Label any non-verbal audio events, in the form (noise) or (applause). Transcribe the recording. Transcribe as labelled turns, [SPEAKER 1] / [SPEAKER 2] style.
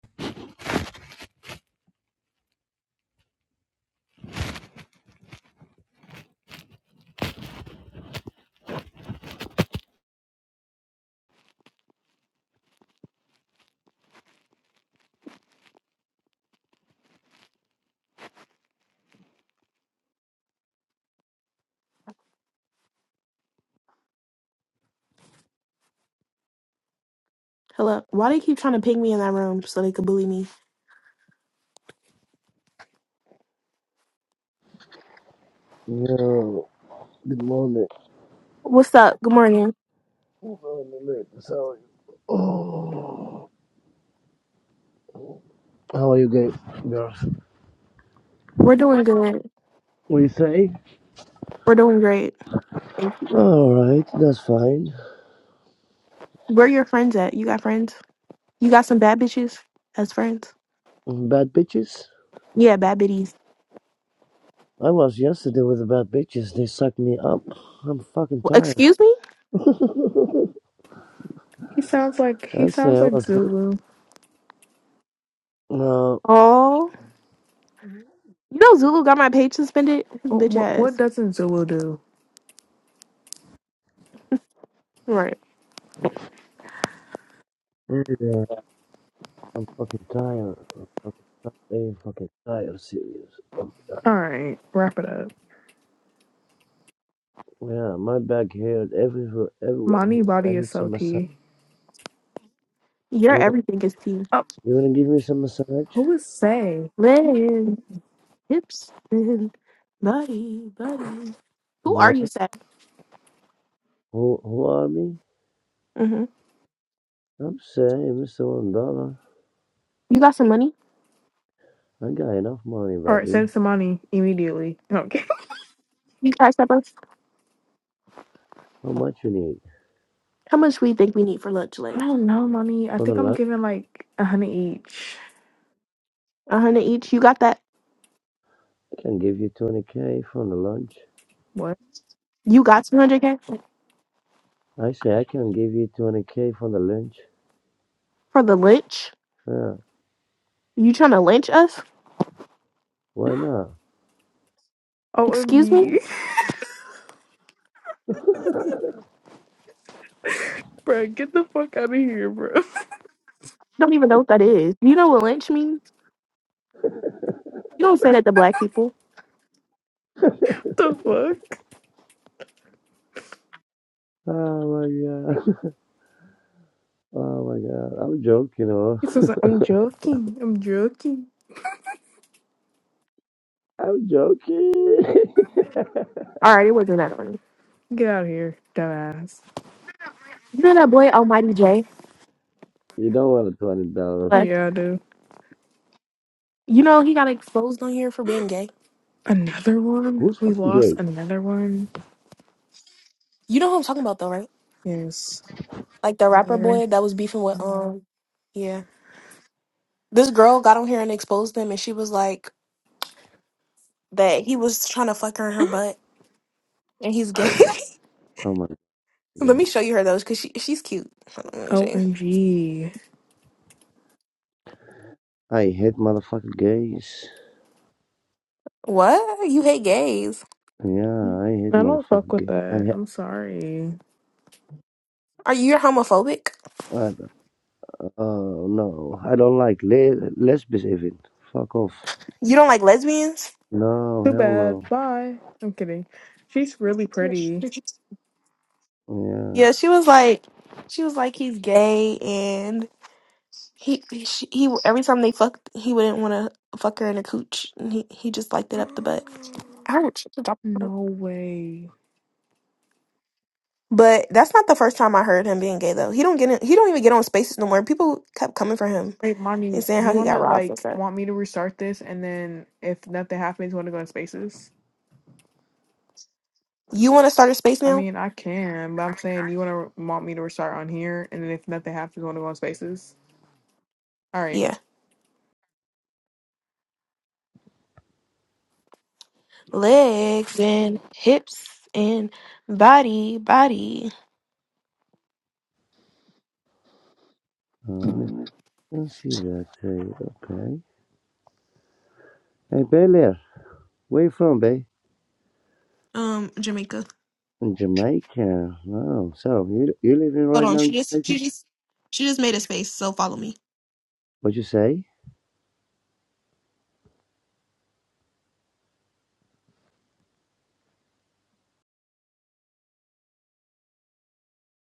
[SPEAKER 1] Hello. Why do you keep trying to ping me in that room so they could bully me?
[SPEAKER 2] Yo, good morning.
[SPEAKER 1] What's up? Good morning.
[SPEAKER 2] Good morning, ladies. How are you? Oh, how are you guys? Girls.
[SPEAKER 1] We're doing good.
[SPEAKER 2] We say?
[SPEAKER 1] We're doing great. Thank you.
[SPEAKER 2] Alright, that's fine.
[SPEAKER 1] Where are your friends at? You got friends? You got some bad bitches as friends?
[SPEAKER 2] Bad bitches?
[SPEAKER 1] Yeah, bad bitties.
[SPEAKER 2] I was yesterday with the bad bitches. They sucked me up. I'm fucking
[SPEAKER 1] Well,
[SPEAKER 2] tired.
[SPEAKER 1] excuse me?
[SPEAKER 2] (laughs)
[SPEAKER 3] He sounds like he
[SPEAKER 2] I say
[SPEAKER 3] sounds
[SPEAKER 2] I
[SPEAKER 3] like
[SPEAKER 2] was good.
[SPEAKER 3] Zulu.
[SPEAKER 2] No.
[SPEAKER 1] Oh, you know Zulu got my page suspended? His
[SPEAKER 3] What
[SPEAKER 1] bitch
[SPEAKER 3] what, what
[SPEAKER 1] ass.
[SPEAKER 3] doesn't Zulu do?
[SPEAKER 1] Right.
[SPEAKER 2] Yeah, I'm fucking tired. I'm fucking tired. I'm fucking tired, serious. I'm,
[SPEAKER 3] All right, wrap it up.
[SPEAKER 2] yeah, my back hurt everywhere, everywhere
[SPEAKER 3] Mani
[SPEAKER 2] healed. I
[SPEAKER 3] body is
[SPEAKER 2] need
[SPEAKER 3] so
[SPEAKER 2] some massage.
[SPEAKER 3] tea.
[SPEAKER 1] Your everything is tea.
[SPEAKER 3] Oh,
[SPEAKER 2] You wanna give me some massage?
[SPEAKER 3] who is Say?
[SPEAKER 1] Legs, hips, and body, body. Who
[SPEAKER 2] Yeah.
[SPEAKER 1] are you, Seth?
[SPEAKER 2] Who who are me?
[SPEAKER 1] hmm
[SPEAKER 2] I'm saying Mr. One Dollar.
[SPEAKER 1] You got some money?
[SPEAKER 2] I got enough money,
[SPEAKER 3] All right,
[SPEAKER 2] Bobby.
[SPEAKER 3] send it to Mani immediately. Okay.
[SPEAKER 1] You cash up us?
[SPEAKER 2] How much you need?
[SPEAKER 1] How much we think we need for lunch,
[SPEAKER 3] (laughs) I
[SPEAKER 1] Lay?
[SPEAKER 3] don't know, Mani. I
[SPEAKER 2] For the
[SPEAKER 3] think I'm
[SPEAKER 2] lunch?
[SPEAKER 3] giving like a hundred each.
[SPEAKER 1] A hundred each. You got that?
[SPEAKER 2] I can give you twenty K for the lunch.
[SPEAKER 3] What?
[SPEAKER 1] You got 200k
[SPEAKER 2] I say I can give you twenty K for the lunch.
[SPEAKER 1] for the lynch?
[SPEAKER 2] Yeah.
[SPEAKER 1] You trying to lynch us?
[SPEAKER 2] Why not?
[SPEAKER 1] Excuse me?
[SPEAKER 3] OMG,
[SPEAKER 2] (laughs)
[SPEAKER 3] (laughs) bro, get the fuck out of here, bro.
[SPEAKER 1] don't even know what that is. You know what lynch means? You don't say that to black people.
[SPEAKER 3] (laughs) the fuck?
[SPEAKER 2] oh my god. (laughs) Oh my god. I'm joking, huh?
[SPEAKER 3] He says I'm joking. I'm joking.
[SPEAKER 2] (laughs) I'm joking. (laughs)
[SPEAKER 1] All right, it wasn't that funny.
[SPEAKER 3] Get out of here, dumbass.
[SPEAKER 1] You know that boy Almighty J?
[SPEAKER 2] you don't want the twenty dollars.
[SPEAKER 1] Like,
[SPEAKER 3] Yeah, I do.
[SPEAKER 1] You know he got exposed on here for being gay.
[SPEAKER 3] Another one?
[SPEAKER 2] Who's
[SPEAKER 3] We
[SPEAKER 2] fucking
[SPEAKER 3] lost
[SPEAKER 2] gay?
[SPEAKER 3] another one.
[SPEAKER 1] You know who I'm talking about though, right?
[SPEAKER 3] Yes.
[SPEAKER 1] Like the rapper
[SPEAKER 3] Yeah.
[SPEAKER 1] boy that was beefing with um yeah. This girl got on here and exposed him and she was like that he was trying to fuck her in her butt and he's gay.
[SPEAKER 2] Oh my
[SPEAKER 1] (laughs) Let me
[SPEAKER 2] god.
[SPEAKER 1] show you her those because she she's cute. Hold on, let me show you.
[SPEAKER 3] OMG.
[SPEAKER 2] I hate motherfucking gays.
[SPEAKER 1] What? You hate gays.
[SPEAKER 3] I
[SPEAKER 2] Yeah, I hate
[SPEAKER 3] don't fuck
[SPEAKER 2] motherfucking
[SPEAKER 3] with
[SPEAKER 2] gay. I
[SPEAKER 3] that.
[SPEAKER 2] hate,
[SPEAKER 3] I'm sorry.
[SPEAKER 1] Are you homophobic?
[SPEAKER 2] uh, uh, no, I don't like le- lesbians even. Fuck off.
[SPEAKER 1] You don't like lesbians?
[SPEAKER 2] No,
[SPEAKER 3] Too
[SPEAKER 2] hell no.
[SPEAKER 3] bad. Bye. I'm kidding. She's really pretty.
[SPEAKER 2] Yeah,
[SPEAKER 1] Yeah, she was like, she was like, he's gay, and he he, she, he every time they fucked, he wouldn't want to fuck her in a cooch, and he he just liked it up the butt.
[SPEAKER 3] (gasps)
[SPEAKER 1] Ouch.
[SPEAKER 3] no way.
[SPEAKER 1] But that's not the first time I heard him being gay though. He don't get in, he don't even get on spaces no more. People kept coming for him
[SPEAKER 3] Hey, mommy,
[SPEAKER 1] and saying
[SPEAKER 3] do
[SPEAKER 1] how
[SPEAKER 3] you
[SPEAKER 1] he
[SPEAKER 3] want
[SPEAKER 1] got
[SPEAKER 3] to
[SPEAKER 1] robbed and
[SPEAKER 3] like
[SPEAKER 1] stuff.
[SPEAKER 3] want me to restart this and then if nothing happens, want to go in spaces?
[SPEAKER 1] You want to start a space
[SPEAKER 3] I
[SPEAKER 1] now?
[SPEAKER 3] mean, I can, but I'm saying you want to want me to restart on here and then if nothing happens, want to go in spaces? All right.
[SPEAKER 1] Yeah, legs and hips and body, body.
[SPEAKER 2] um, I can see that. Uh, okay. Hey, Bel Air, where you from, babe?
[SPEAKER 1] Um, Jamaica.
[SPEAKER 2] In Jamaica. Oh, so you you living
[SPEAKER 1] Hold
[SPEAKER 2] right
[SPEAKER 1] on.
[SPEAKER 2] now in
[SPEAKER 1] She just
[SPEAKER 2] Jamaica?
[SPEAKER 1] she just she just made a space, so follow me.
[SPEAKER 2] What you say?